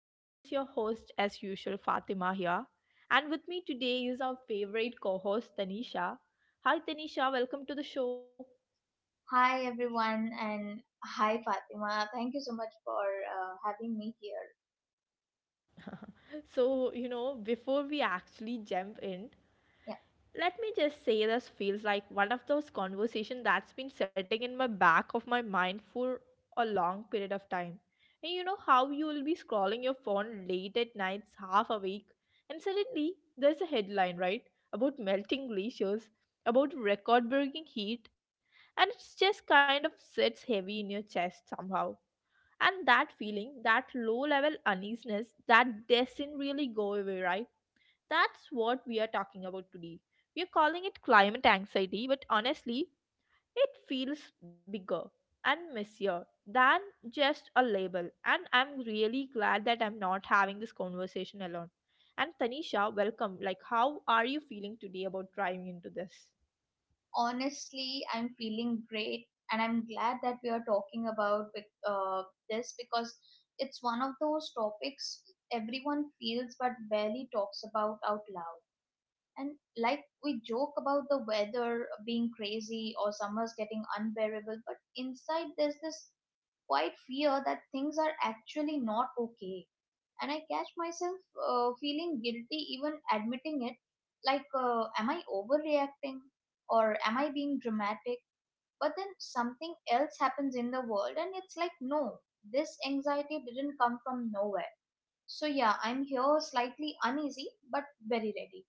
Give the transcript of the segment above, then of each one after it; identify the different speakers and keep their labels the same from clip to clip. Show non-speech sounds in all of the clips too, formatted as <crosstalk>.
Speaker 1: this is your host, as usual, Fatima here. And with me today is our favorite co host, Tanisha. Hi, Tanisha, welcome to the show.
Speaker 2: Hi everyone and hi Fatima. Thank you so much for having me here.
Speaker 1: Before we actually jump in,
Speaker 2: Yeah,
Speaker 1: let me just say this feels like one of those conversations that's been sitting in my back of my mind for a long period of time. And you know how you will be scrolling your phone late at nights, half awake, and suddenly there's a headline, right? About melting glaciers, about record breaking heat, and it just kind of sits heavy in your chest somehow. And that feeling, that low level uneasiness, that doesn't really go away, right? That's what we are talking about today. We are calling it climate anxiety, but honestly, it feels bigger and messier than just a label. And I'm really glad that I'm not having this conversation alone. And Tanisha, welcome. Like, how are you feeling today about driving into this?
Speaker 2: honestly, I'm feeling great and I'm glad that we are talking about this because it's one of those topics everyone feels but barely talks about out loud. And like we joke about the weather being crazy or summers getting unbearable, but inside there's this quite fear that things are actually not okay. And I catch myself feeling guilty even admitting it. Like, am I overreacting? Or am I being dramatic? But then something else happens in the world, and it's like, no, this anxiety didn't come from nowhere. So, yeah, I'm here slightly uneasy, but very ready.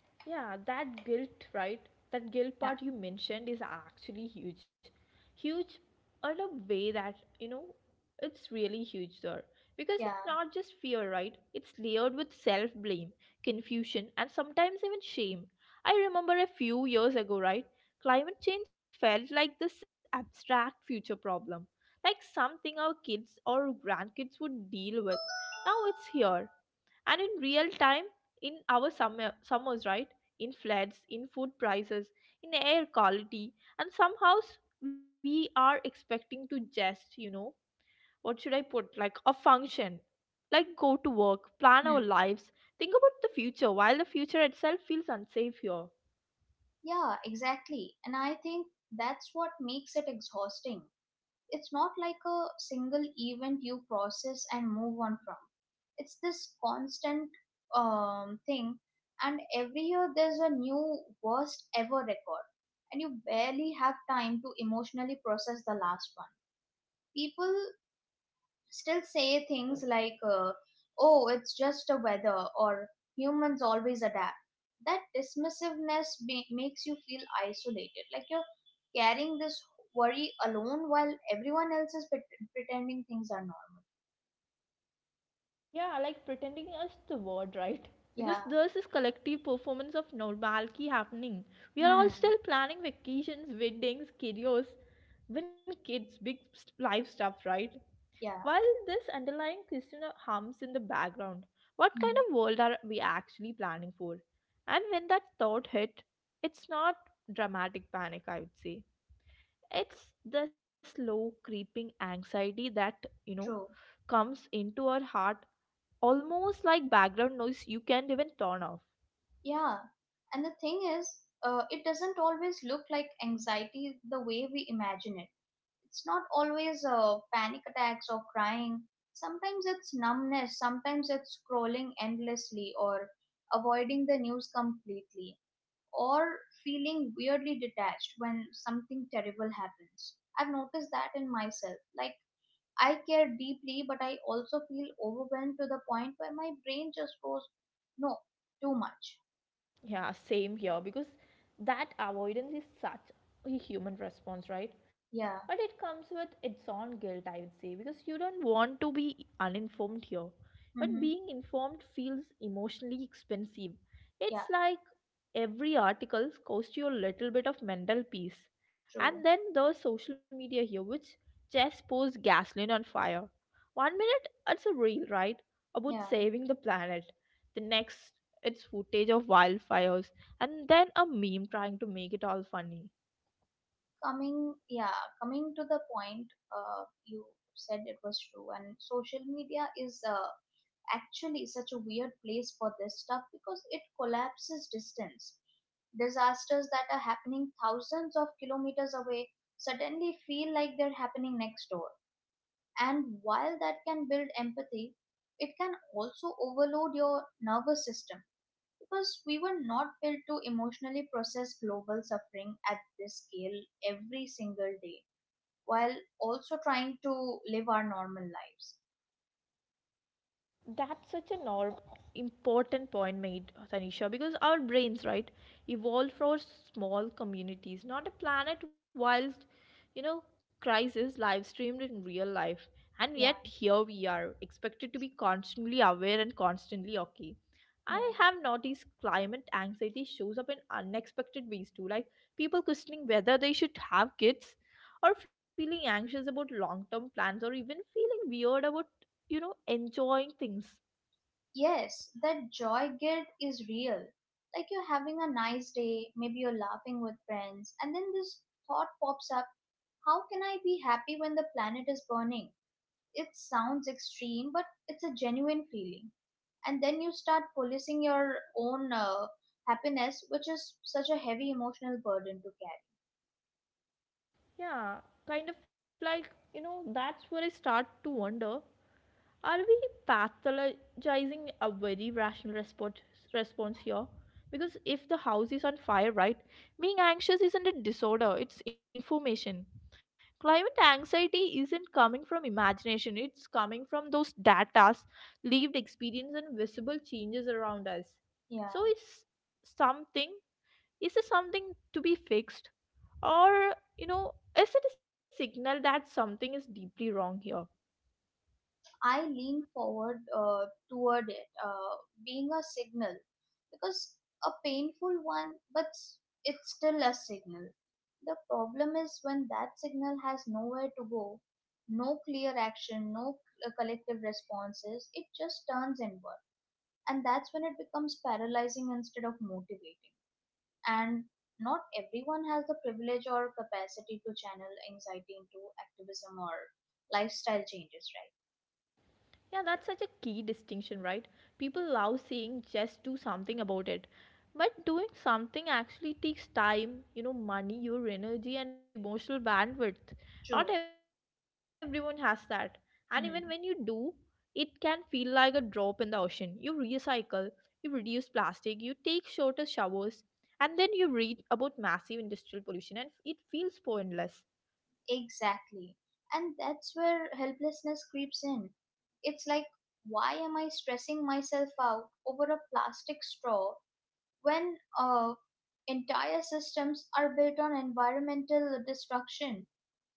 Speaker 1: Yeah, that guilt, right? That guilt part
Speaker 2: Yeah,
Speaker 1: you mentioned is actually huge. Huge in a way that, you know, it's really huge there. Because it's
Speaker 2: yeah.
Speaker 1: not just fear, right? It's layered with self blame, confusion, and sometimes even shame. I remember a few years ago, right? Climate change felt like this abstract future problem, like something our kids or grandkids would deal with. Now it's here and in real time in our summers right, in floods, in food prices, in air quality, and somehow we are expecting to just what should I put, like a function, like go to work, plan
Speaker 2: Hmm.
Speaker 1: our lives, think about the future while the future itself feels unsafe here.
Speaker 2: Yeah, exactly. And I think that's what makes it exhausting. It's not like a single event you process and move on from. It's this constant thing, and every year there's a new worst ever record, and you barely have time to emotionally process the last one. People still say things like, oh, it's just the weather, or humans always adapt. That dismissiveness makes you feel isolated, like you're carrying this worry alone while everyone else is pretending things are normal.
Speaker 1: Yeah, like pretending is the word, right? Because
Speaker 2: Yeah.
Speaker 1: there's this collective performance of normalcy happening. We are all
Speaker 2: Hmm.
Speaker 1: still planning vacations, weddings, careers, even kids, big life stuff, right?
Speaker 2: Yeah.
Speaker 1: While this underlying question hums in the background, what kind
Speaker 2: Hmm.
Speaker 1: of world are we actually planning for? And when that thought hit, it's not dramatic panic, I would say. It's the slow creeping anxiety that, you know,
Speaker 2: True.
Speaker 1: comes into our heart almost like background noise you can't even turn off.
Speaker 2: Yeah. And the thing is, it doesn't always look like anxiety the way we imagine it. It's not always panic attacks or crying. Sometimes it's numbness, sometimes it's scrolling endlessly or avoiding the news completely, or feeling weirdly detached when something terrible happens. I've noticed that in myself. Like, I care deeply, but I also feel overwhelmed to the point where my brain just goes, no, too much.
Speaker 1: Yeah, same here, because that avoidance is such a human response, right? But it
Speaker 2: Yeah.
Speaker 1: comes with its own guilt, I would say, because you don't want to be uninformed here. But being
Speaker 2: Mm-hmm.
Speaker 1: informed feels emotionally expensive.
Speaker 2: Yeah,
Speaker 1: It's like every article costs you a little bit of mental peace. And
Speaker 2: true.
Speaker 1: then there's social media here, which just pours gasoline on fire. One minute it's a reel, right? About
Speaker 2: Yeah.
Speaker 1: saving the planet. The next, it's footage of wildfires and then a meme trying to make it all funny.
Speaker 2: Coming, coming to the point, you said it was true, and social media is actually such a weird place for this stuff, because it collapses distance. Disasters that are happening thousands of kilometers away suddenly feel like they're happening next door, and while that can build empathy, it can also overload your nervous system, because we were not built to emotionally process global suffering at this scale every single day while also trying to live our normal lives.
Speaker 1: That's such a norm important point made, Tanisha, because our brains, right, evolved for small communities, not a planet wild, you know, crisis live streamed in real life. And
Speaker 2: Yeah,
Speaker 1: yet here we are, expected to be constantly aware and constantly okay. I
Speaker 2: yeah.
Speaker 1: have noticed climate anxiety shows up in unexpected ways too, like people questioning whether they should have kids, or feeling anxious about long term plans, or even feeling weird about, you know, enjoying things.
Speaker 2: Yes, that joy guilt is real. Like, you're having a nice day, maybe you're laughing with friends, and then this thought pops up: how can I be happy when the planet is burning? It sounds extreme, but it's a genuine feeling. And then you start policing your own happiness, which is such a heavy emotional burden to carry.
Speaker 1: Yeah, kind of like, you know, that's where I start to wonder, are we pathologizing a very rational response here? Because if the house is on fire, right, being anxious isn't a disorder, it's information. Climate anxiety isn't coming from imagination, it's coming from those data, lived experience, and visible changes around us.
Speaker 2: Yeah.
Speaker 1: So, is something, is this something to be fixed? Or, you know, is it a signal that something is deeply wrong here?
Speaker 2: I lean forward toward it, being a signal, because, a painful one, but it's still a signal. The problem is when that signal has nowhere to go, no clear action, no collective responses, it just turns inward. And that's when it becomes paralyzing instead of motivating. And not everyone has the privilege or capacity to channel anxiety into activism or lifestyle changes, right?
Speaker 1: Yeah, that's such a key distinction, right? People love saying just do something about it. But doing something actually takes time, you know, money, your energy, and emotional bandwidth. Not
Speaker 2: True.
Speaker 1: everyone has that. And even when you do,
Speaker 2: Hmm.
Speaker 1: it can feel like a drop in the ocean. You recycle, you reduce plastic, you take shorter showers, and then you read about massive industrial pollution, and it feels pointless.
Speaker 2: Exactly. And that's where helplessness creeps in. It's like, why am I stressing myself out over a plastic straw when entire systems are built on environmental destruction?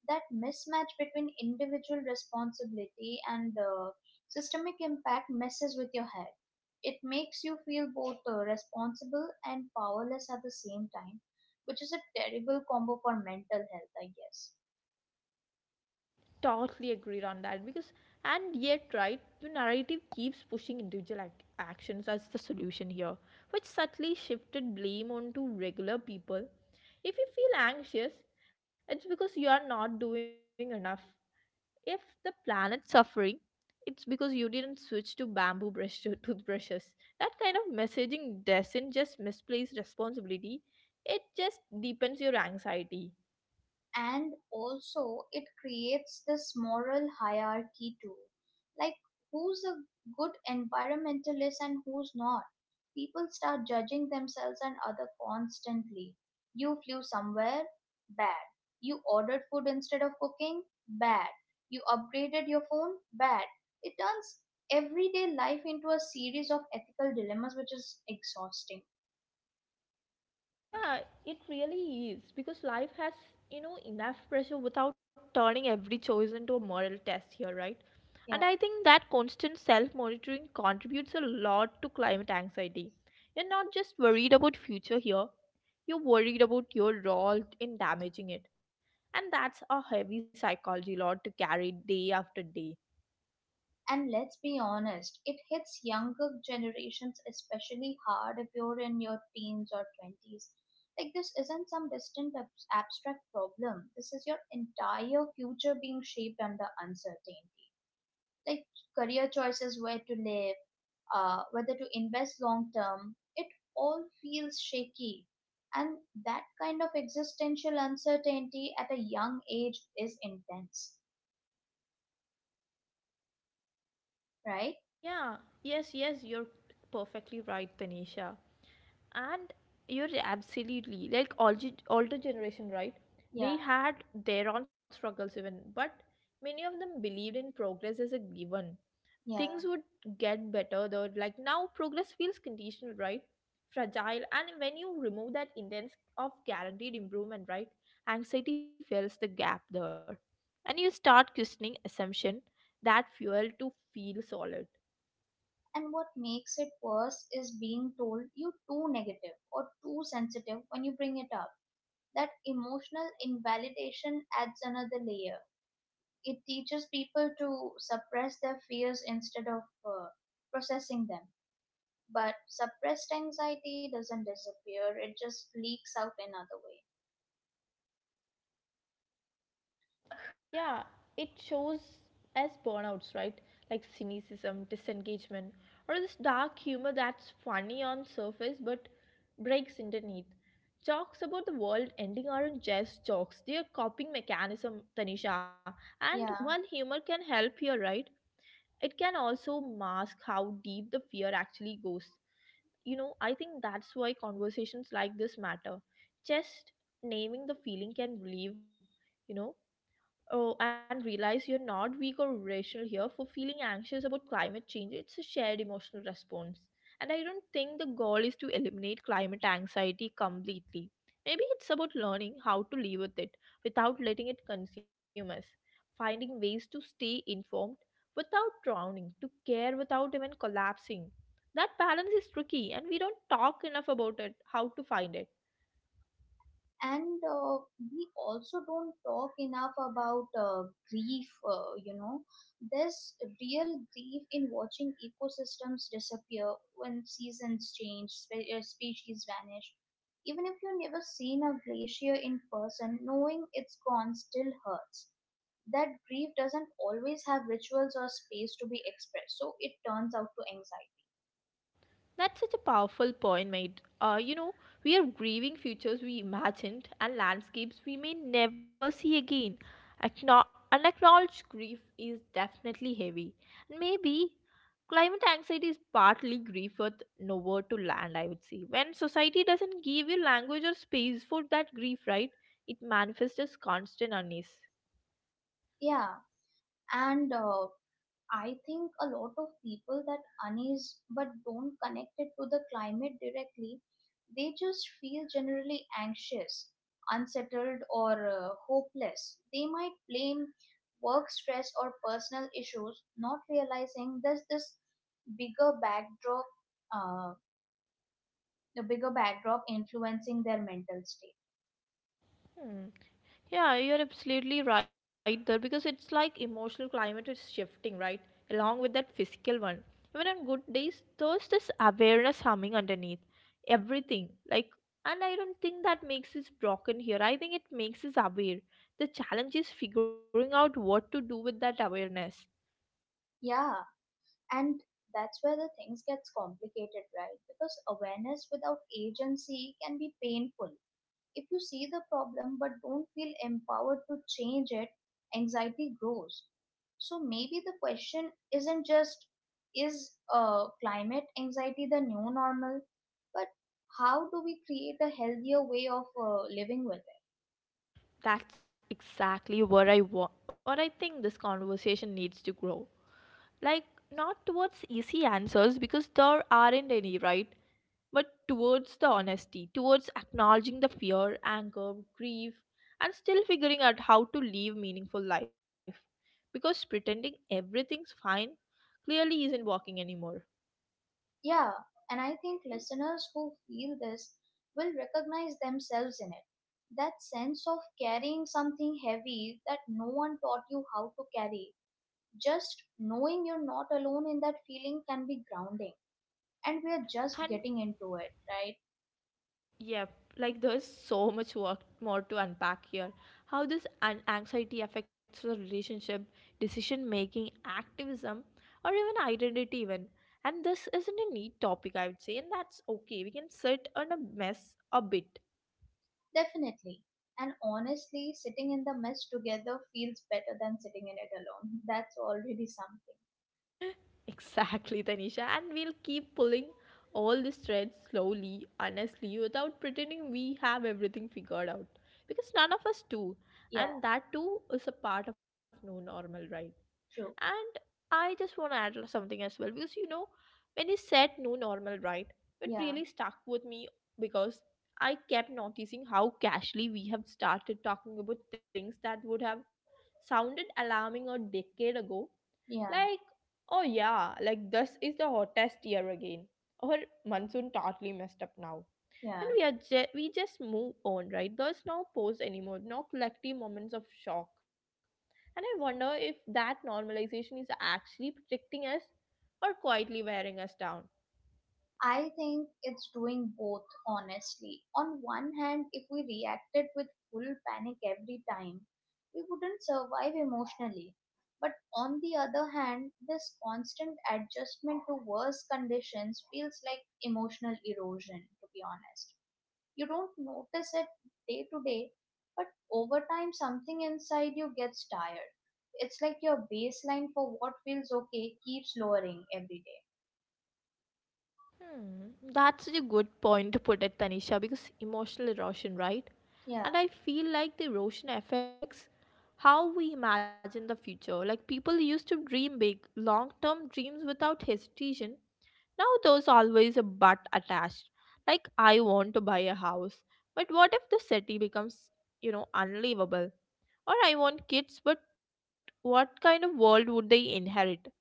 Speaker 2: That mismatch between individual responsibility and systemic impact messes with your head. It makes you feel both responsible and powerless at the same time, which is a terrible combo for mental health, I guess.
Speaker 1: Totally agreed on that, because and yet, right, the narrative keeps pushing individual actions as the solution here, which subtly shifted blame onto regular people. If you feel anxious, it's because you are not doing enough. If the planet's suffering, it's because you didn't switch to bamboo brush <laughs> to toothbrushes. That kind of messaging doesn't just misplace responsibility, it just deepens your anxiety.
Speaker 2: And also it creates this moral hierarchy too, like, who's a good environmentalist and who's not. People start judging themselves and other constantly. You flew somewhere, bad. You ordered food instead of cooking, bad. You upgraded your phone, bad. It turns everyday life into a series of ethical dilemmas, which is exhausting.
Speaker 1: Yeah, it really is because life has, you know, enough pressure without turning every choice into a moral test here, right? And
Speaker 2: Yeah.
Speaker 1: I think that constant self monitoring contributes a lot to climate anxiety. You're not just worried about future here, you're worried about your role in damaging it. And that's a heavy psychology load to carry day after day.
Speaker 2: And let's be honest, it hits younger generations especially hard if you're in your teens or 20s. Like, this isn't some distant abstract problem. This is your entire future being shaped under uncertainty. Like, career choices, where to live, whether to invest long term, it all feels shaky. And that kind of existential uncertainty at a young age is intense, right?
Speaker 1: Yeah, yes, you're perfectly right, Tanisha. And you're absolutely like older generation, right?
Speaker 2: Yeah,
Speaker 1: They had their own struggles even, but many of them believed in progress as a given. Things
Speaker 2: yeah.
Speaker 1: would get better though. Like now, progress feels conditional, right? Fragile, and when you remove that intense of guaranteed improvement, right? Anxiety fills the gap there, and you start questioning assumption that fuel to feel solid.
Speaker 2: And what makes it worse is being told you're too negative or too sensitive when you bring it up. That emotional invalidation adds another layer. It teaches people to suppress their fears instead of processing them. But suppressed anxiety doesn't disappear, it just leaks out another way.
Speaker 1: Yeah, it shows as burnouts, right? Like cynicism, disengagement, or this dark humor that's funny on surface but breaks underneath. Jokes about the world ending aren't just jokes, they are coping mechanism, Tanisha. And
Speaker 2: Yeah.
Speaker 1: while humor can help here, right? It can also mask how deep the fear actually goes. You know, I think that's why conversations like this matter. Just naming the feeling can relieve, you know. Oh, and realize you're not weak or irrational here for feeling anxious about climate change. It's a shared emotional response. And I don't think the goal is to eliminate climate anxiety completely. Maybe it's about learning how to live with it without letting it consume us, finding ways to stay informed without drowning, to care without even collapsing. That balance is tricky, and we don't talk enough about it, how to find it.
Speaker 2: And we also don't talk enough about grief. You know, there's real grief in watching ecosystems disappear, when seasons change, species vanish. Even if you've never seen a glacier in person, knowing it's gone still hurts. That grief doesn't always have rituals or space to be expressed, so it turns out to anxiety.
Speaker 1: That's such a powerful point made. You know, we are grieving futures we imagined and landscapes we may never see again. Unacknowledged grief is definitely heavy. And maybe climate anxiety is partly grief with nowhere to land, I would say. When society doesn't give you language or space for that grief, right, it manifests as constant unease.
Speaker 2: Yeah, and I think a lot of people that unease but don't connect it to the climate directly, they just feel generally anxious, unsettled, or hopeless. They might blame work stress or personal issues, not realizing there's this bigger backdrop, uh, the bigger backdrop influencing their mental state.
Speaker 1: Hmm. Yeah, you're absolutely right there, because it's like emotional climate is shifting, right? Along with that physical one. Even on good days, there's this awareness humming underneath everything. Like, and I don't think that makes us broken here. I think it makes us aware. The challenge is figuring out what to do with that awareness.
Speaker 2: Yeah, and that's where the things gets complicated, right? Because awareness without agency can be painful. If you see the problem but don't feel empowered to change it, anxiety grows. So maybe the question isn't just, is climate anxiety the new normal, but how do we create a healthier way of living with it?
Speaker 1: That's exactly where I want, what I think this conversation needs to grow. Like, not towards easy answers because there aren't any, right? But towards the honesty, towards acknowledging the fear, anger, grief, and still figuring out how to live meaningful life. Because pretending everything's fine clearly isn't working anymore.
Speaker 2: Yeah, and I think listeners who feel this will recognize themselves in it. That sense of carrying something heavy that no one taught you how to carry, just knowing you're not alone in that feeling can be grounding. And we are
Speaker 1: And
Speaker 2: just getting into it, right?
Speaker 1: yep, like there's so much work more to unpack here. How this anxiety affects the relationship, decision making, activism, or even identity even. And this isn't a neat topic, I would say, and that's okay. We can sit on a mess a bit.
Speaker 2: Definitely. And honestly, sitting in the mess together feels better than sitting in it alone. That's already something.
Speaker 1: Exactly, Tanisha. And we'll keep pulling all these threads slowly, honestly, without pretending we have everything figured out. Because none of us do.
Speaker 2: Yeah.
Speaker 1: And that too is a part of no normal, right?
Speaker 2: True.
Speaker 1: And I just want to add something as well. Because you know, when you said no normal, right, it
Speaker 2: yeah
Speaker 1: really stuck with me because I kept noticing how casually we have started talking about things that would have sounded alarming a decade ago,
Speaker 2: yeah
Speaker 1: like, oh yeah, like this is the hottest year again. Our monsoon totally messed up now. And
Speaker 2: yeah
Speaker 1: we are we just move on, right? There's no pause anymore, no collective moments of shock. And I wonder if that normalization is actually protecting us or quietly wearing us down.
Speaker 2: I think it's doing both, honestly. On one hand, if we reacted with full panic every time, we wouldn't survive emotionally. But on the other hand, this constant adjustment to worse conditions feels like emotional erosion, to be honest. You don't notice it day to day, but over time, something inside you gets tired. It's like your baseline for what feels okay keeps lowering every day.
Speaker 1: That's such a good point to put it, Tanisha, because emotional erosion, right?
Speaker 2: Yeah.
Speaker 1: And I feel like the erosion affects how we imagine the future. Like people used to dream big, long term dreams without hesitation. Now there's always a but attached. Like, I want to buy a house, but what if the city becomes, you know, unlivable? Or I want kids, but what kind of world would they inherit?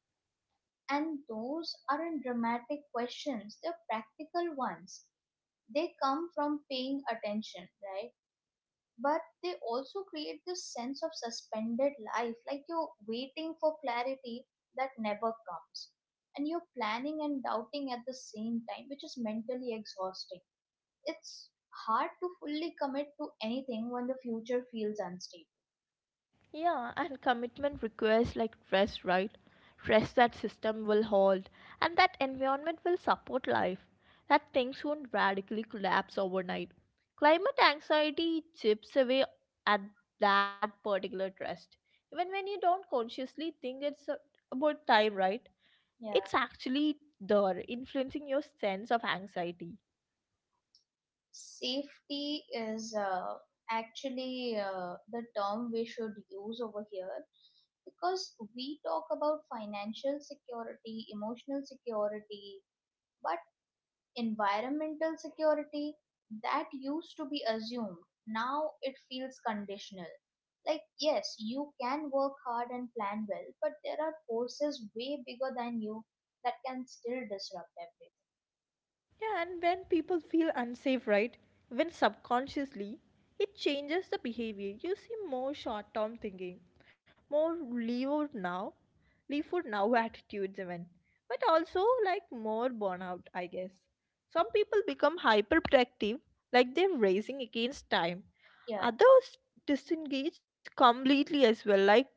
Speaker 2: And those aren't dramatic questions, they're practical ones. They come from paying attention, right? But they also create this sense of suspended life, like you're waiting for clarity that never comes. And you're planning and doubting at the same time, which is mentally exhausting. It's hard to fully commit to anything when the future feels unstable.
Speaker 1: Yeah, and commitment requires like trust, right? Trust that system will hold and that environment will support life, that things won't radically collapse overnight. Climate anxiety chips away at that particular trust. Even when you don't consciously think about time, right?
Speaker 2: Yeah.
Speaker 1: It's actually there, influencing your sense of anxiety.
Speaker 2: Safety is actually the term we should use over here, because we talk about financial security, emotional security, but environmental security, that used to be assumed. Now it feels conditional. Like, yes, you can work hard and plan well, but there are forces way bigger than you that can still disrupt everything.
Speaker 1: Yeah, and when people feel unsafe, right? When subconsciously, it changes the behavior. You see more short term thinking, more leave out now, leave for now <laughs> attitudes, even. But also, like, more burnout, I guess. Some people become hyperprotective, like they're racing against time.
Speaker 2: Yeah.
Speaker 1: Others disengage completely as well, like,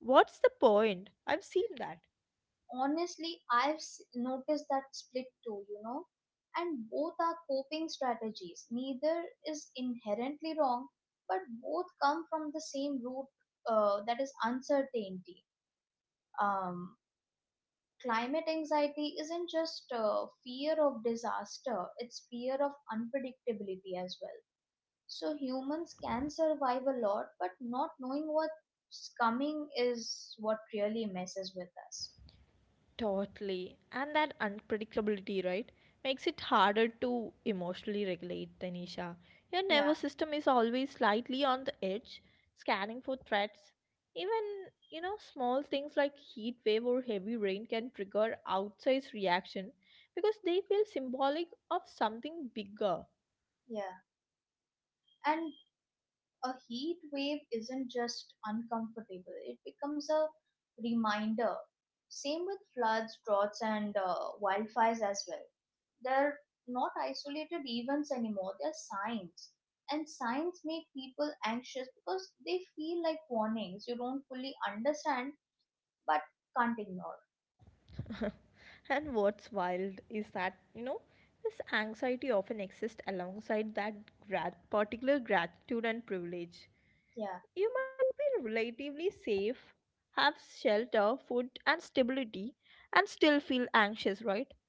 Speaker 1: what's the point? I've seen that.
Speaker 2: Honestly, noticed that split too, you know. And both are coping strategies, neither is inherently wrong, but both come from the same root, that is uncertainty. um, Climate anxiety isn't just fear of disaster, it's fear of unpredictability as well. So humans can survive a lot, but not knowing what's coming is what really messes with us.
Speaker 1: Totally. And that unpredictability, right, makes it harder to emotionally regulate, Tanisha. Your
Speaker 2: yeah
Speaker 1: nervous system is always slightly on the edge, scanning for threats. Even, small things like heat wave or heavy rain can trigger outsized reaction because they feel symbolic of something bigger.
Speaker 2: yeah And a heat wave isn't just uncomfortable, it becomes a reminder. Same with floods, droughts, and wildfires as well. They're not isolated events anymore, they're signs. And signs make people anxious because they feel like warnings you don't fully understand, but can't ignore.
Speaker 1: <laughs> And what's wild is that, this anxiety often exists alongside that particular gratitude and privilege.
Speaker 2: Yeah,
Speaker 1: You might be relatively safe, have shelter, food, and stability, and still feel anxious, right?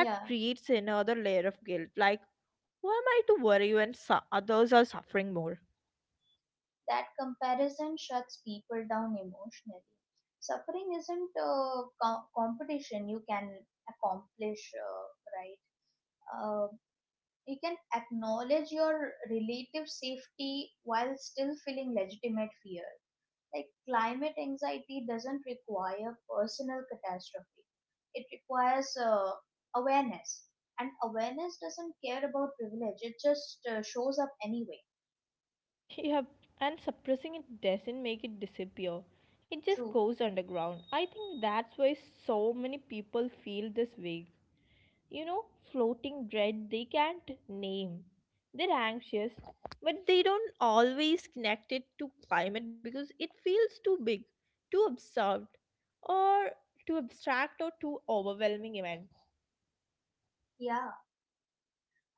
Speaker 1: That creates another layer of guilt like, who am I to worry when others are suffering more?
Speaker 2: That comparison shuts people down emotionally. Suffering isn't a competition you can accomplish, right? Uh, you can acknowledge your relative safety while still feeling legitimate fear. Like, climate anxiety doesn't require personal catastrophe, it requires awareness. And awareness doesn't care about privilege, it just shows up anyway.
Speaker 1: <laughs> Yeah, and suppressing it doesn't make it disappear. It just
Speaker 2: True.
Speaker 1: goes underground. I think that's why so many people feel this way. you know, Floating dread they can't name. They're anxious, but they don't always connect it to climate because it feels too big, too absurd, or too abstract or too overwhelming event.
Speaker 2: Yeah.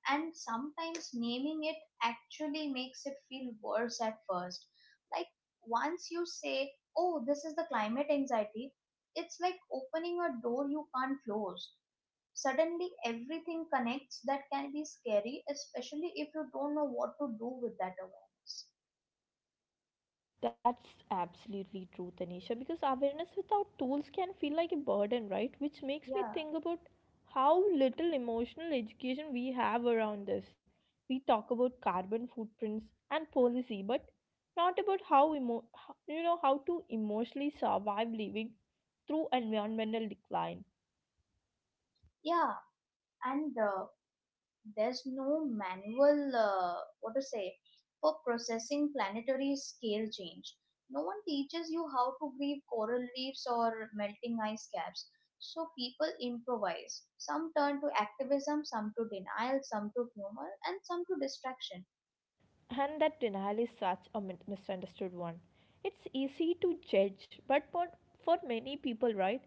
Speaker 2: And sometimes naming it actually makes it feel worse at first. Like, once you say, oh, this is the climate anxiety, it's like opening a door you can't close. Suddenly, everything connects. That can be scary, especially if you don't know what to do with that awareness.
Speaker 1: That's absolutely true, Tanisha, because awareness without tools can feel like a burden, right? Which makes me
Speaker 2: Yeah,
Speaker 1: think about how little emotional education we have around this. We talk about carbon footprints and policy, but not about how you know how to emotionally survive living through environmental decline.
Speaker 2: yeah, and there's no manual, what to say for processing planetary scale change. No one teaches you how to grieve coral reefs or melting ice caps, so people improvise. Some turn to activism, some to denial, some to humor, and some to distraction.
Speaker 1: And that denial is such a misunderstood one. It's easy to judge, but for many people, right,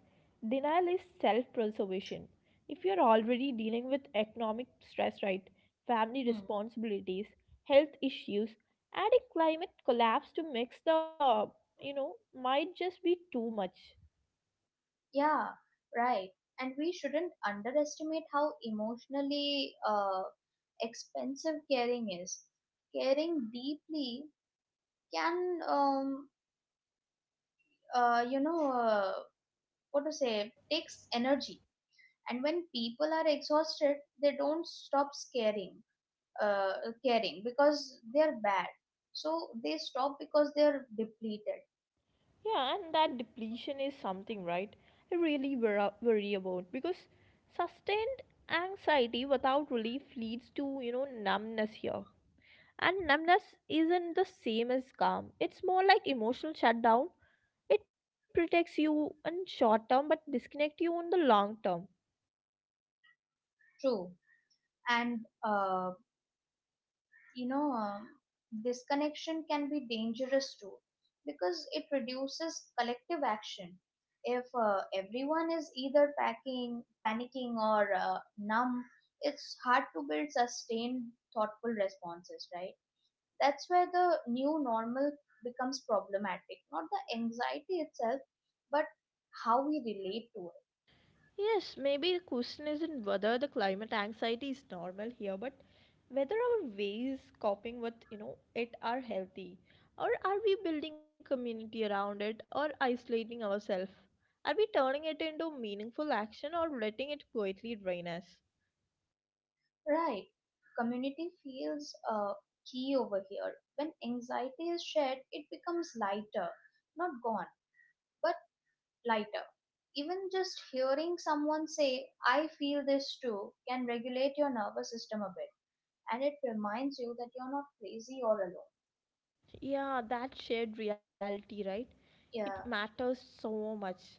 Speaker 1: denial is self preservation. If you're already dealing with economic stress, right, family
Speaker 2: Hmm.
Speaker 1: responsibilities, health issues, adding climate collapse to mix the, might just be too much.
Speaker 2: Yeah, right. And we shouldn't underestimate how emotionally expensive caring is. Caring deeply can, you know what to say takes energy. And when people are exhausted, they don't stop uh, caring because they're bad, so they stop because they're depleted.
Speaker 1: Yeah, and that depletion is something, right? I really worry about because sustained anxiety without relief leads to, numbness here. And numbness isn't the same as calm. It's more like emotional shutdown. It protects you in short term but disconnect you in the long term.
Speaker 2: True. And uh, you know um, disconnection can be dangerous too, because it reduces collective action. If everyone is either packing panicking or numb, it's hard to build sustained, thoughtful responses, right? That's where the new normal becomes problematic, not the anxiety itself, but how we relate to it.
Speaker 1: Yes, maybe the question isn't whether the climate anxiety is normal here, but whether our ways coping with it are healthy, or are we building community around it, or isolating ourselves? Are we turning it into meaningful action, or letting it quietly drain us?
Speaker 2: Right. Community feels key over here. When anxiety is shared, it becomes lighter. Not gone, but lighter. Even just hearing someone say, I feel this too, can regulate your nervous system a bit. And it reminds you that you're not crazy or alone.
Speaker 1: Yeah, that shared reality, right? It
Speaker 2: Yeah,
Speaker 1: matters so much.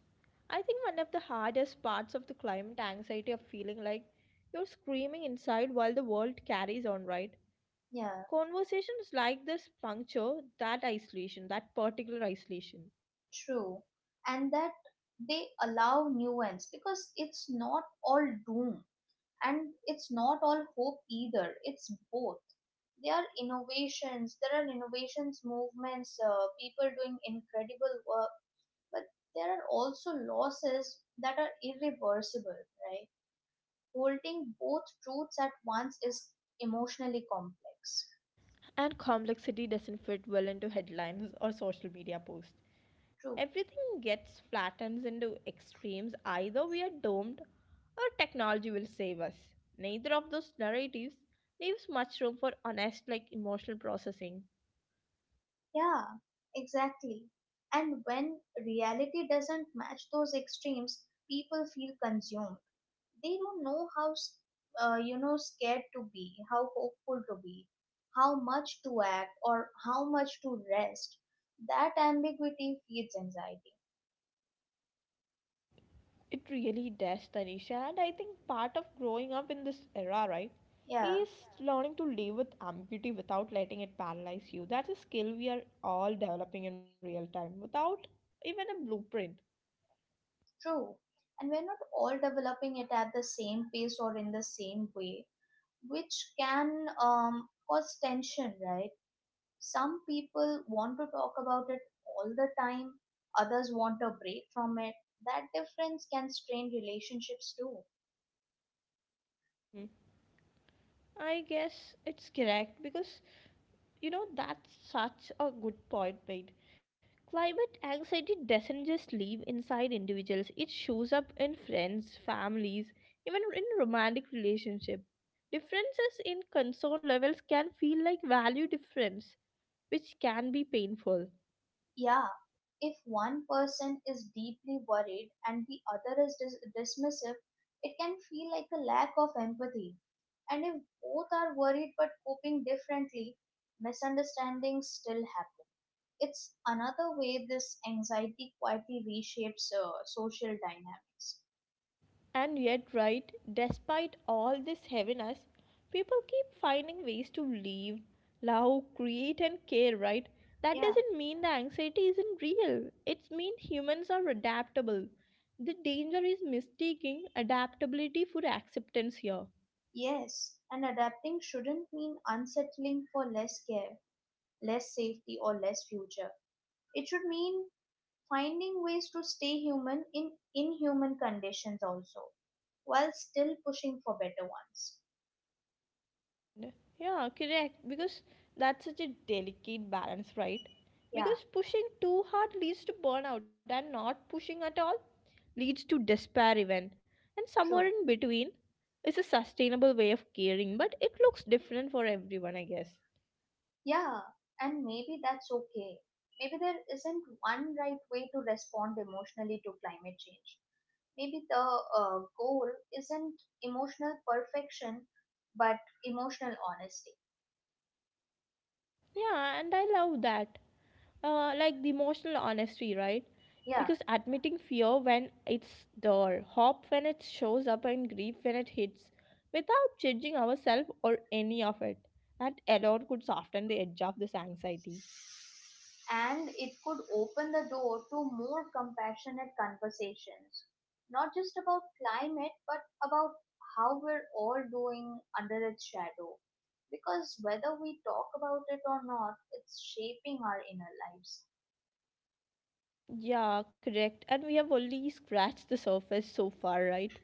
Speaker 1: I think one of the hardest parts of the climate anxiety of feeling like you're screaming inside while the world carries on, right?
Speaker 2: yeah,
Speaker 1: Conversations like this puncture that isolation, that particular isolation.
Speaker 2: true. And that they allow nuance because it's not all doom. And it's not all hope either, it's both. There are innovations, movements, people doing incredible work. But there are also losses that are irreversible, right? Holding both truths at once is emotionally complex.
Speaker 1: And complexity doesn't fit well into headlines or social media posts.
Speaker 2: True.
Speaker 1: Everything gets flattened into extremes. Either we are doomed or technology will save us. Neither of those narratives leaves much room for honest, like emotional processing.
Speaker 2: Yeah, exactly. And when reality doesn't match those extremes, people feel consumed. They don't know how scared to be, how hopeful to be, how much to act or how much to rest. That ambiguity feeds anxiety.
Speaker 1: It really does, Tanisha. And I think part of growing up in this era, right,
Speaker 2: Yeah,
Speaker 1: is learning to live with ambiguity without letting it paralyze you. That's a skill we are all developing in real time without even a blueprint.
Speaker 2: true. And we're not all developing it at the same pace or in the same way, which can cause tension, right? Some people want to talk about it all the time, others want a break from it. That difference can strain relationships too.
Speaker 1: I guess it's correct because that's such a good point made. Climate anxiety doesn't just live inside individuals; it shows up in friends, families, even in romantic relationships. Differences in concern levels can feel like value difference, which can be painful.
Speaker 2: Yeah, if one person is deeply worried and the other is dismissive, it can feel like a lack of empathy. And if both are worried but coping differently, misunderstandings still happen. It's another way this anxiety quietly reshapes social dynamics.
Speaker 1: And yet, right, despite all this heaviness, people keep finding ways to live, love, create, and care, right? That
Speaker 2: Yeah,
Speaker 1: doesn't mean the anxiety isn't real. It means humans are adaptable. The danger is mistaking adaptability for acceptance here.
Speaker 2: yes, and adapting shouldn't mean unsettling for less care, less safety, or less future. It should mean finding ways to stay human in inhuman conditions also, while still pushing for better ones.
Speaker 1: Yeah, correct. Because that's such a delicate balance, right?
Speaker 2: Yeah,
Speaker 1: Because pushing too hard leads to burnout, and not pushing at all leads to despair, even. And somewhere
Speaker 2: true.
Speaker 1: in between is a sustainable way of caring, but it looks different for everyone, I guess.
Speaker 2: Yeah, and maybe that's okay. Maybe there isn't one right way to respond emotionally to climate change. Maybe the goal isn't emotional perfection, but emotional honesty.
Speaker 1: Yeah, and I love that. Like the emotional honesty, right?
Speaker 2: Yeah.
Speaker 1: Because admitting fear when it's there, hope when it shows up, and grief when it hits, without judging ourselves or any of it, that alone could soften the edge of this anxiety.
Speaker 2: And it could open the door to more compassionate conversations, not just about climate, but about how we're all doing under its shadow. Because whether we talk about it or not, it's shaping our inner lives.
Speaker 1: Yeah, correct. And we have only scratched the surface so far, right?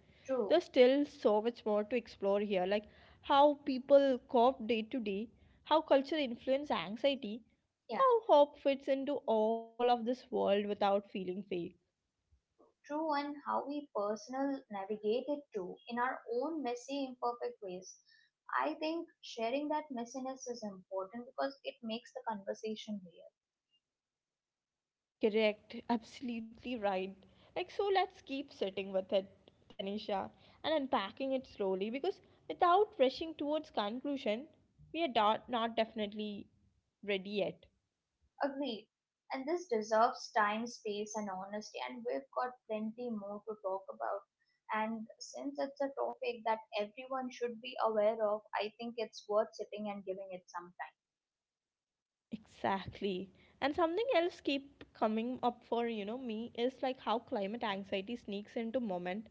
Speaker 1: There's
Speaker 2: True.
Speaker 1: still so much more to explore here, like how people cope day to day, how culture influence anxiety,
Speaker 2: Yeah,
Speaker 1: how hope fits into all of this world without feeling fake.
Speaker 2: true. And how we personal navigate it too, in our own messy, imperfect ways. I think sharing that messiness is important because it makes the conversation real.
Speaker 1: Correct, absolutely right. Like so let's keep sitting with it, Tanisha, and unpacking it slowly because without rushing towards conclusion, we are not, not definitely ready yet.
Speaker 2: Agreed. And this deserves time, space, and honesty. And we've got plenty more to talk about. And since it's a topic that everyone should be aware of, I think it's worth sitting and giving it some time.
Speaker 1: Exactly. And something else keep coming up for, me is like how climate anxiety sneaks into moment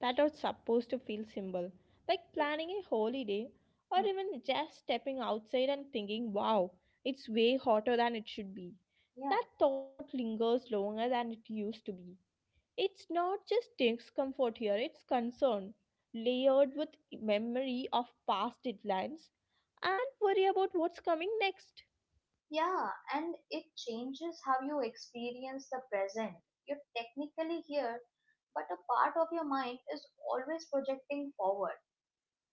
Speaker 1: that are supposed to feel simple. Like
Speaker 2: Too.
Speaker 1: planning a holiday or
Speaker 2: Hmm.
Speaker 1: even just stepping outside and thinking, wow, it's way hotter than it should be.
Speaker 2: Yeah.
Speaker 1: That thought lingers longer than it used to be. It's not just discomfort here, it's concern, layered with memory of past deadlines and worry about what's coming next.
Speaker 2: Yeah. And it changes how you experience the present. You're technically here, but a part of your mind is always projecting forward.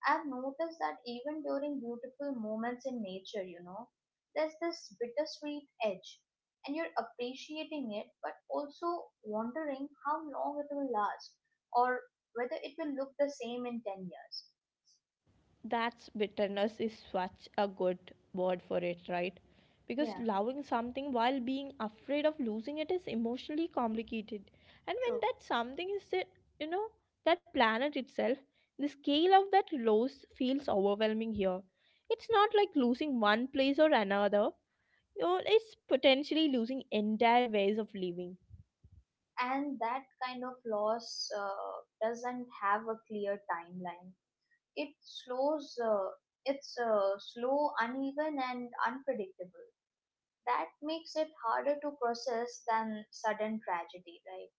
Speaker 2: I've noticed that even during beautiful moments in nature, you know, there's this bittersweet edge, and you're appreciating it, but also wondering how long it will last, or whether it will look the same in 10 years.
Speaker 1: That's bitterness is such a good word for it, right? Because
Speaker 2: Yeah,
Speaker 1: loving something while being afraid of losing it is emotionally complicated. And when
Speaker 2: true.
Speaker 1: that something is, you know, that planet itself, the scale of that loss feels overwhelming here. It's not like losing one place or another, it's potentially losing entire ways of living.
Speaker 2: And that kind of loss doesn't have a clear timeline. It slows, uh, it's slow, uneven, and unpredictable. That makes it harder to process than sudden tragedy, right?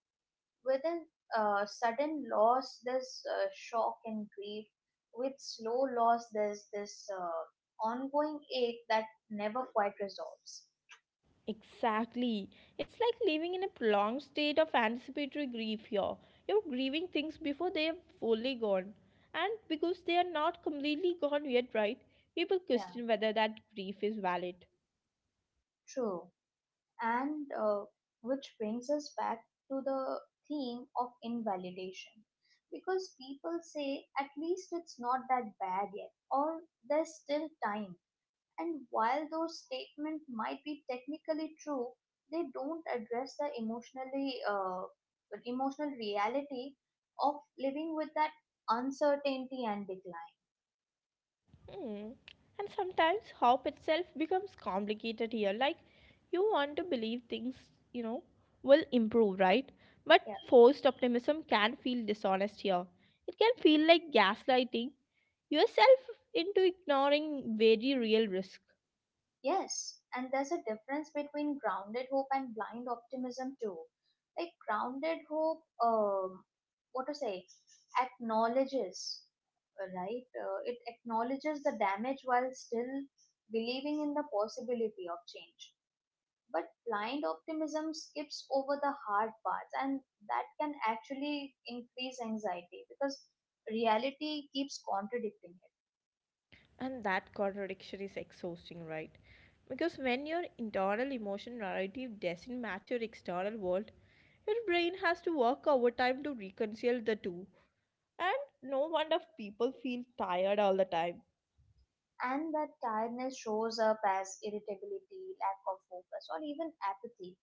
Speaker 2: Within sudden loss, there's shock and grief. With slow loss, there's this ongoing ache that never quite resolves.
Speaker 1: Exactly. It's like living in a prolonged state of anticipatory grief here. You're grieving things before they are fully gone. And because they are not completely gone yet, right? People
Speaker 2: Yeah,
Speaker 1: question whether that grief is valid.
Speaker 2: true. And Which brings us back to the theme of invalidation. Because people say, at least it's not that bad yet, or there's still time. And while those statements might be technically true, they don't address the emotional reality of living with that uncertainty and decline.
Speaker 1: Hmm. And sometimes hope itself becomes complicated here. Like, you want to believe things, you know, will improve, right? But
Speaker 2: Yeah.
Speaker 1: forced optimism can feel dishonest here. It can feel like gaslighting yourself into ignoring very real risk.
Speaker 2: Yes, and there's a difference between grounded hope and blind optimism too. Like grounded hope, what to say, acknowledges, right? It acknowledges the damage while still believing in the possibility of change. But blind optimism skips over the hard parts, and that can actually increase anxiety because reality keeps contradicting it.
Speaker 1: And that contradiction is exhausting, right? Because when your internal emotion narrative doesn't match your external world, your brain has to work overtime to reconcile the two. And no wonder people feel tired all the time.
Speaker 2: And that tiredness shows up as irritability, lack of focus, or even apathy.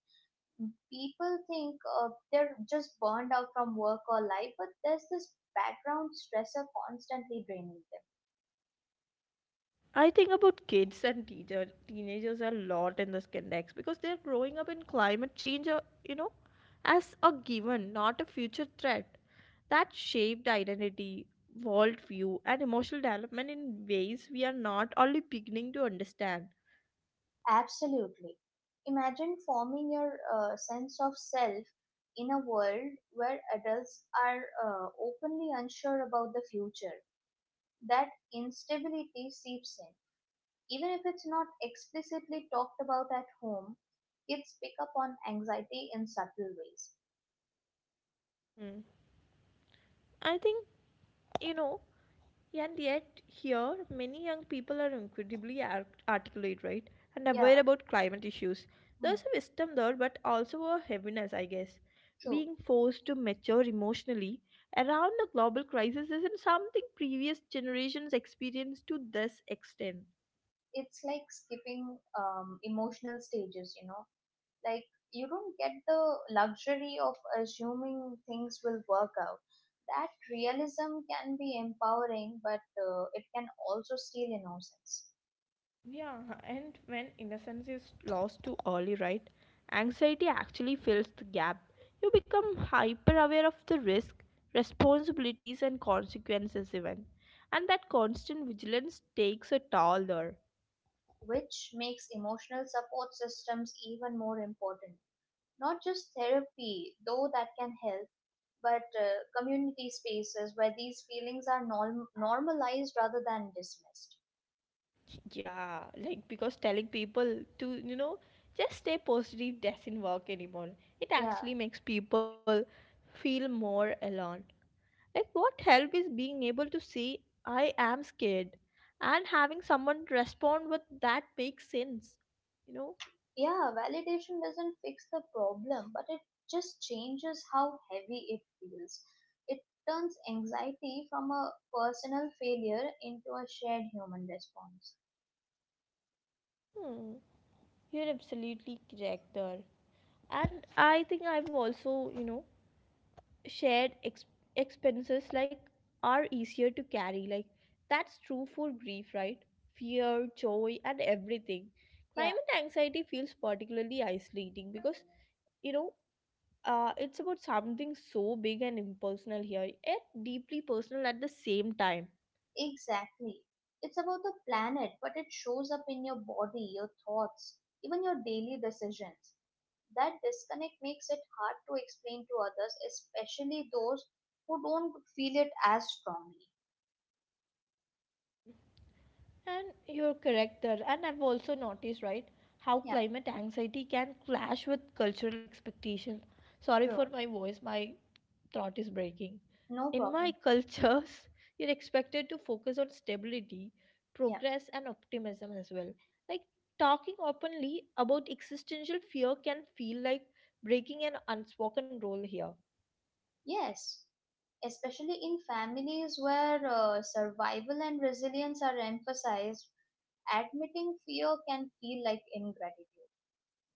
Speaker 2: People think they're just burned out from work or life, but there's this background stressor constantly draining them.
Speaker 1: I think about kids and teenagers a lot in this context because they're growing up in climate change, as a given, not a future threat. That shaped identity, worldview, and emotional development in ways we are not only beginning to understand.
Speaker 2: Absolutely. Imagine forming your sense of self in a world where adults are openly unsure about the future. That instability seeps in. Even if it's not explicitly talked about at home, kids pick up on anxiety in subtle ways.
Speaker 1: I think, you know, and yet here many young people are incredibly articulate, right? And
Speaker 2: Yeah,
Speaker 1: aware about climate issues.
Speaker 2: hmm,
Speaker 1: There's a wisdom there, but also a heaviness, I guess.
Speaker 2: true.
Speaker 1: Being forced to mature emotionally around the global crisis isn't something previous generations experienced to this extent.
Speaker 2: It's like skipping emotional stages, you know. Like you don't get the luxury of assuming things will work out. That realism can be empowering, but it can also steal innocence.
Speaker 1: Yeah, and when innocence is lost too early, right? Anxiety actually fills the gap. You become hyper aware of the risk, responsibilities, and consequences, even. And that constant vigilance takes a toll there.
Speaker 2: Which makes emotional support systems even more important. Not just therapy, though that can help, but community spaces where these feelings are normalized rather than dismissed.
Speaker 1: Yeah, like because telling people to, just stay positive doesn't work anymore. It
Speaker 2: Yeah.
Speaker 1: actually makes people feel more alone. Like, what help is being able to see I am scared and having someone respond with that makes sense, you know?
Speaker 2: Yeah, validation doesn't fix the problem, but it just changes how heavy it feels. It turns anxiety from a personal failure into a shared human response.
Speaker 1: Hmm, you're absolutely correct there. And I think I've also, shared expenses like are easier to carry. Like, that's true for grief, right? Fear, joy, and everything.
Speaker 2: Yeah,
Speaker 1: Climate anxiety feels particularly isolating because, you know, it's about something so big and impersonal here, yet deeply personal at the same time.
Speaker 2: exactly. It's about the planet, but it shows up in your body, your thoughts, even your daily decisions. That disconnect makes it hard to explain to others, especially those who don't feel it as strongly.
Speaker 1: And you're correct there. And I've also noticed, right, how
Speaker 2: Yeah,
Speaker 1: climate anxiety can clash with cultural expectation. Sorry
Speaker 2: true.
Speaker 1: for my voice, my throat is breaking.
Speaker 2: No
Speaker 1: In my
Speaker 2: problem.
Speaker 1: cultures, <laughs> you're expected to focus on stability,
Speaker 2: Yeah.
Speaker 1: progress, and optimism as well. Like talking openly about existential fear can feel like breaking an unspoken rule here.
Speaker 2: Yes. Especially in families where survival and resilience are emphasized, admitting fear can feel like ingratitude.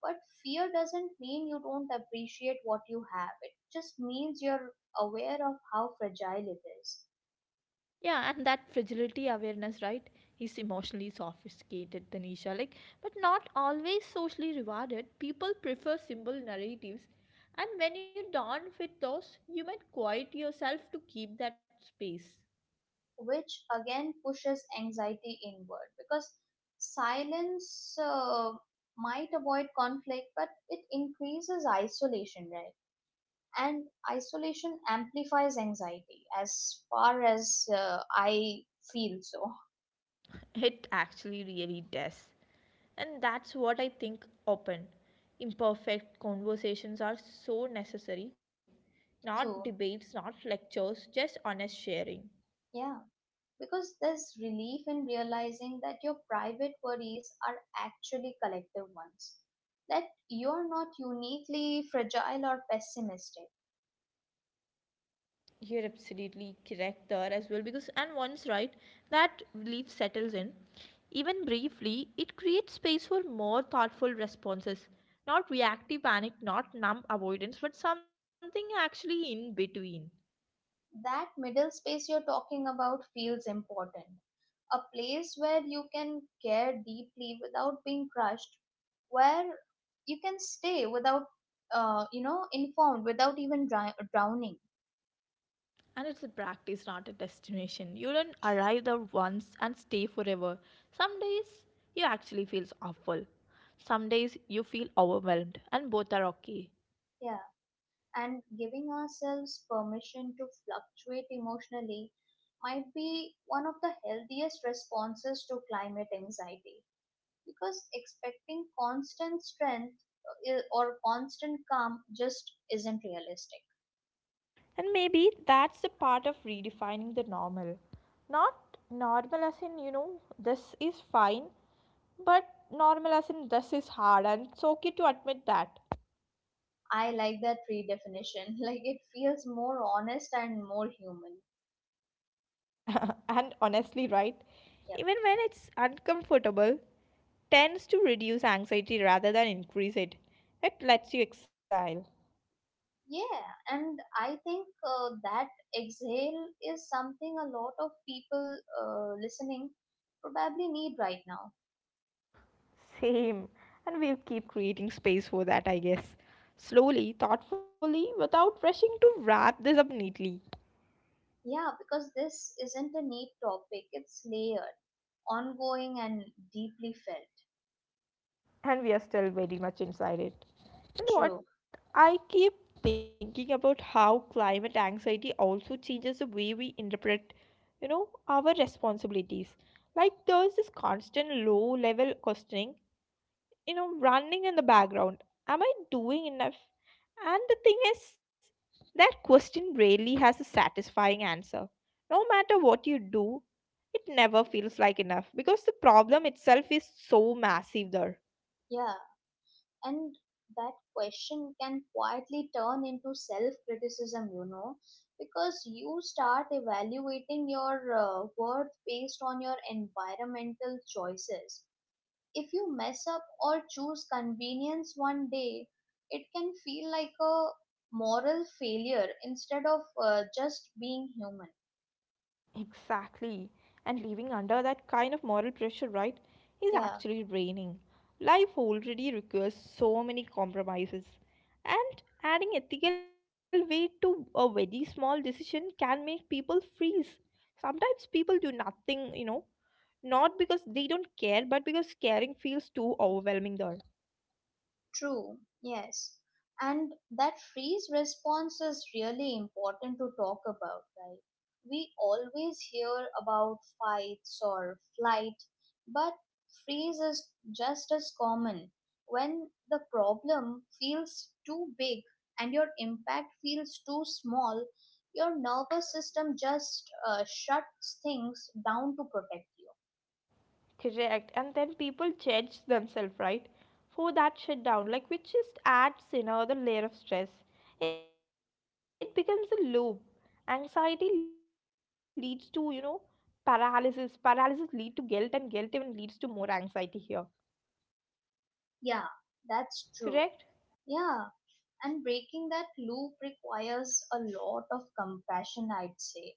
Speaker 2: But fear doesn't mean you don't appreciate what you have, it just means you're aware of how fragile it is.
Speaker 1: Yeah, and that fragility awareness, right, is emotionally sophisticated, Tanisha. Like, but not always socially rewarded. People prefer simple narratives, and when you don't fit those, you might quiet yourself to keep that space.
Speaker 2: Which again pushes anxiety inward, because silence might avoid conflict, but it increases isolation, right? And isolation amplifies anxiety, as far as I feel so.
Speaker 1: It actually really does, and that's what I think. Open, imperfect conversations are so necessary.
Speaker 2: <laughs>
Speaker 1: Not
Speaker 2: True.
Speaker 1: debates, not lectures, just honest sharing.
Speaker 2: Yeah, because there's relief in realizing that your private worries are actually collective ones, that you're not uniquely fragile or pessimistic.
Speaker 1: You're absolutely correct there as well. Because and once, right, that relief settles in, even briefly, it creates space for more thoughtful responses, not reactive panic, not numb avoidance, but something actually in between.
Speaker 2: That middle space you're talking about feels important. A place where you can care deeply without being crushed, where you can stay without, informed, without even drowning.
Speaker 1: And it's a practice, not a destination. You don't arrive there once and stay forever. Some days you actually feel awful, some days you feel overwhelmed, and both are okay.
Speaker 2: Yeah. And giving ourselves permission to fluctuate emotionally might be one of the healthiest responses to climate anxiety, because expecting constant strength or constant calm just isn't realistic.
Speaker 1: And maybe that's the part of redefining the normal. Not normal as in, this is fine, but normal as in, this is hard, and it's okay to admit that.
Speaker 2: I like that redefinition. <laughs> Like it feels more honest and more human.
Speaker 1: <laughs> And honestly, right?
Speaker 2: Yep.
Speaker 1: Even when it's uncomfortable, tends to reduce anxiety rather than increase it. It lets you exhale.
Speaker 2: Yeah, and I think that exhale is something a lot of people listening probably need right now.
Speaker 1: Same. And we'll keep creating space for that, I guess. Slowly, thoughtfully, without rushing to wrap this up neatly.
Speaker 2: Yeah, because this isn't a neat topic. It's layered, ongoing, and deeply felt.
Speaker 1: And we are still very much inside it. You know
Speaker 2: True.
Speaker 1: what? I keep thinking about how climate anxiety also changes the way we interpret, our responsibilities. Like there's this constant low level questioning, running in the background. Am I doing enough? And the thing is, that question rarely has a satisfying answer. No matter what you do, it never feels like enough because the problem itself is so massive there.
Speaker 2: Yeah, and that question can quietly turn into self criticism, you know, because you start evaluating your worth based on your environmental choices. If you mess up or choose convenience one day, it can feel like a moral failure instead of just being human.
Speaker 1: Exactly. And living under that kind of moral pressure, right, is
Speaker 2: Yeah.
Speaker 1: actually draining. Life already requires so many compromises. And adding ethical weight to a very small decision can make people freeze. Sometimes people do nothing, not because they don't care, but because caring feels too overwhelming there.
Speaker 2: True, yes. And that freeze response is really important to talk about, right? We always hear about fights or flight, but freeze is just as common. When the problem feels too big and your impact feels too small, your nervous system just shuts things down to protect you.
Speaker 1: Correct. And then people judge themselves, right? For that shutdown, like which just adds in another layer of stress. It becomes a loop. Anxiety leads to, paralysis. Paralysis lead to guilt and guilt even leads to more anxiety here.
Speaker 2: Yeah, that's true.
Speaker 1: Correct?
Speaker 2: Yeah. And breaking that loop requires a lot of compassion, I'd say.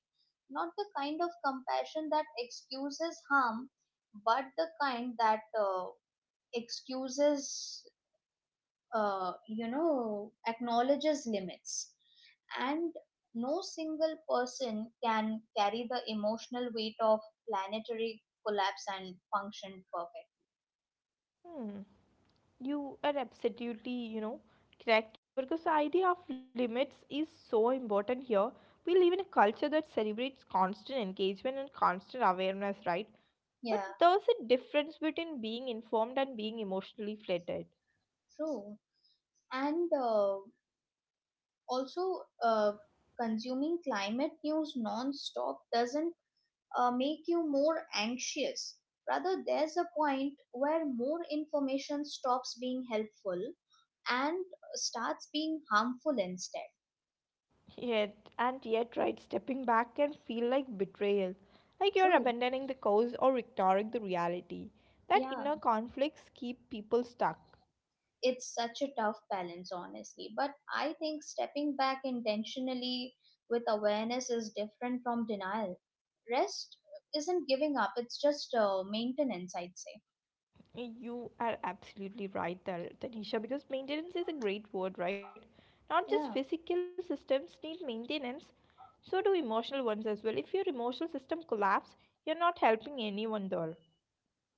Speaker 2: Not the kind of compassion that excuses harm, but the kind that excuses, acknowledges limits. And no single person can carry the emotional weight of planetary collapse and function perfect.
Speaker 1: Hmm. You are absolutely, correct because the idea of limits is so important here. We live in a culture that celebrates constant engagement and constant awareness, right? But
Speaker 2: Yeah,
Speaker 1: there's a difference between being informed and being emotionally flattered.
Speaker 2: true. And also consuming climate news non-stop doesn't make you more anxious. Rather, there's a point where more information stops being helpful and starts being harmful instead.
Speaker 1: Yet, and yet, right, stepping back can feel like betrayal, like you're
Speaker 2: True.
Speaker 1: abandoning the cause or ignoring the reality. That
Speaker 2: Yeah,
Speaker 1: inner conflicts keep people stuck.
Speaker 2: it's such a tough balance, honestly, but I think stepping back intentionally with awareness is different from denial. Rest isn't giving up, it's just maintenance, I'd say.
Speaker 1: You are absolutely right there, Tanisha, because maintenance is a great word, right? Not just
Speaker 2: Yeah.
Speaker 1: physical systems need maintenance, so do emotional ones as well. If your emotional system collapse, you're not helping anyone there.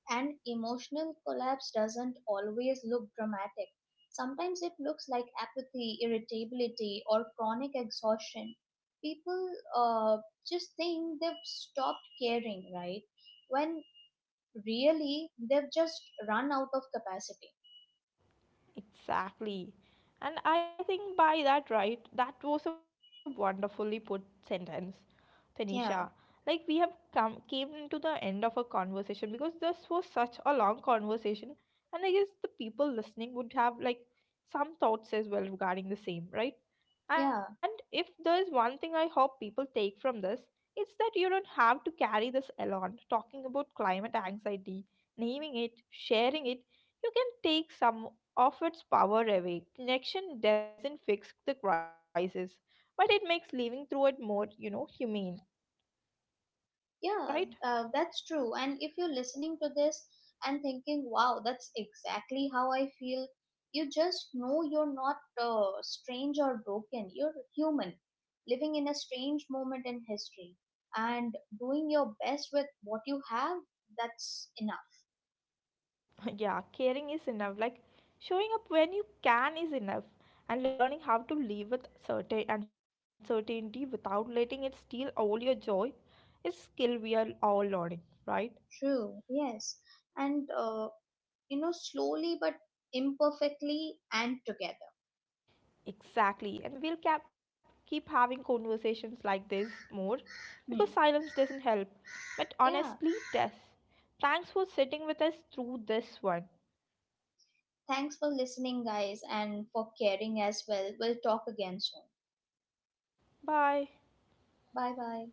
Speaker 2: An emotional collapse doesn't always look dramatic. Sometimes it looks like apathy, irritability, or chronic exhaustion. People uh, just think they've stopped caring, right? When really they've just run out of capacity.
Speaker 1: Exactly. And I think by that, right, that was a wonderfully put sentence, Tanisha.
Speaker 2: Yeah,
Speaker 1: Like we have come came into the end of a conversation because this was such a long conversation, and I guess the people listening would have like some thoughts as well regarding the same, right?
Speaker 2: yeah.
Speaker 1: And if there's one thing I hope people take from this, it's that you don't have to carry this alone. Talking about climate anxiety, naming it, sharing it, you can take some of its power away. Connection doesn't fix the crisis, but it makes living through it more, humane, right?
Speaker 2: Yeah, that's true. And if you're listening to this and thinking, wow, that's exactly how I feel, you just know you're not strange or broken. You're human, living in a strange moment in history, and doing your best with what you have. That's enough.
Speaker 1: <laughs> Yeah, caring is enough. Like showing up when you can is enough. And learning how to live with certain uncertainty without letting it steal all your joy is skill we are all learning, right?
Speaker 2: True, yes. And, slowly but imperfectly and together.
Speaker 1: Exactly. And we'll keep having conversations like this more
Speaker 2: Hmm.
Speaker 1: because silence doesn't help, but
Speaker 2: Yeah.
Speaker 1: honestly it does. Thanks for sitting with us through this one.
Speaker 2: Thanks for listening, guys, and for caring as well. We'll talk again soon.
Speaker 1: Bye
Speaker 2: Bye bye.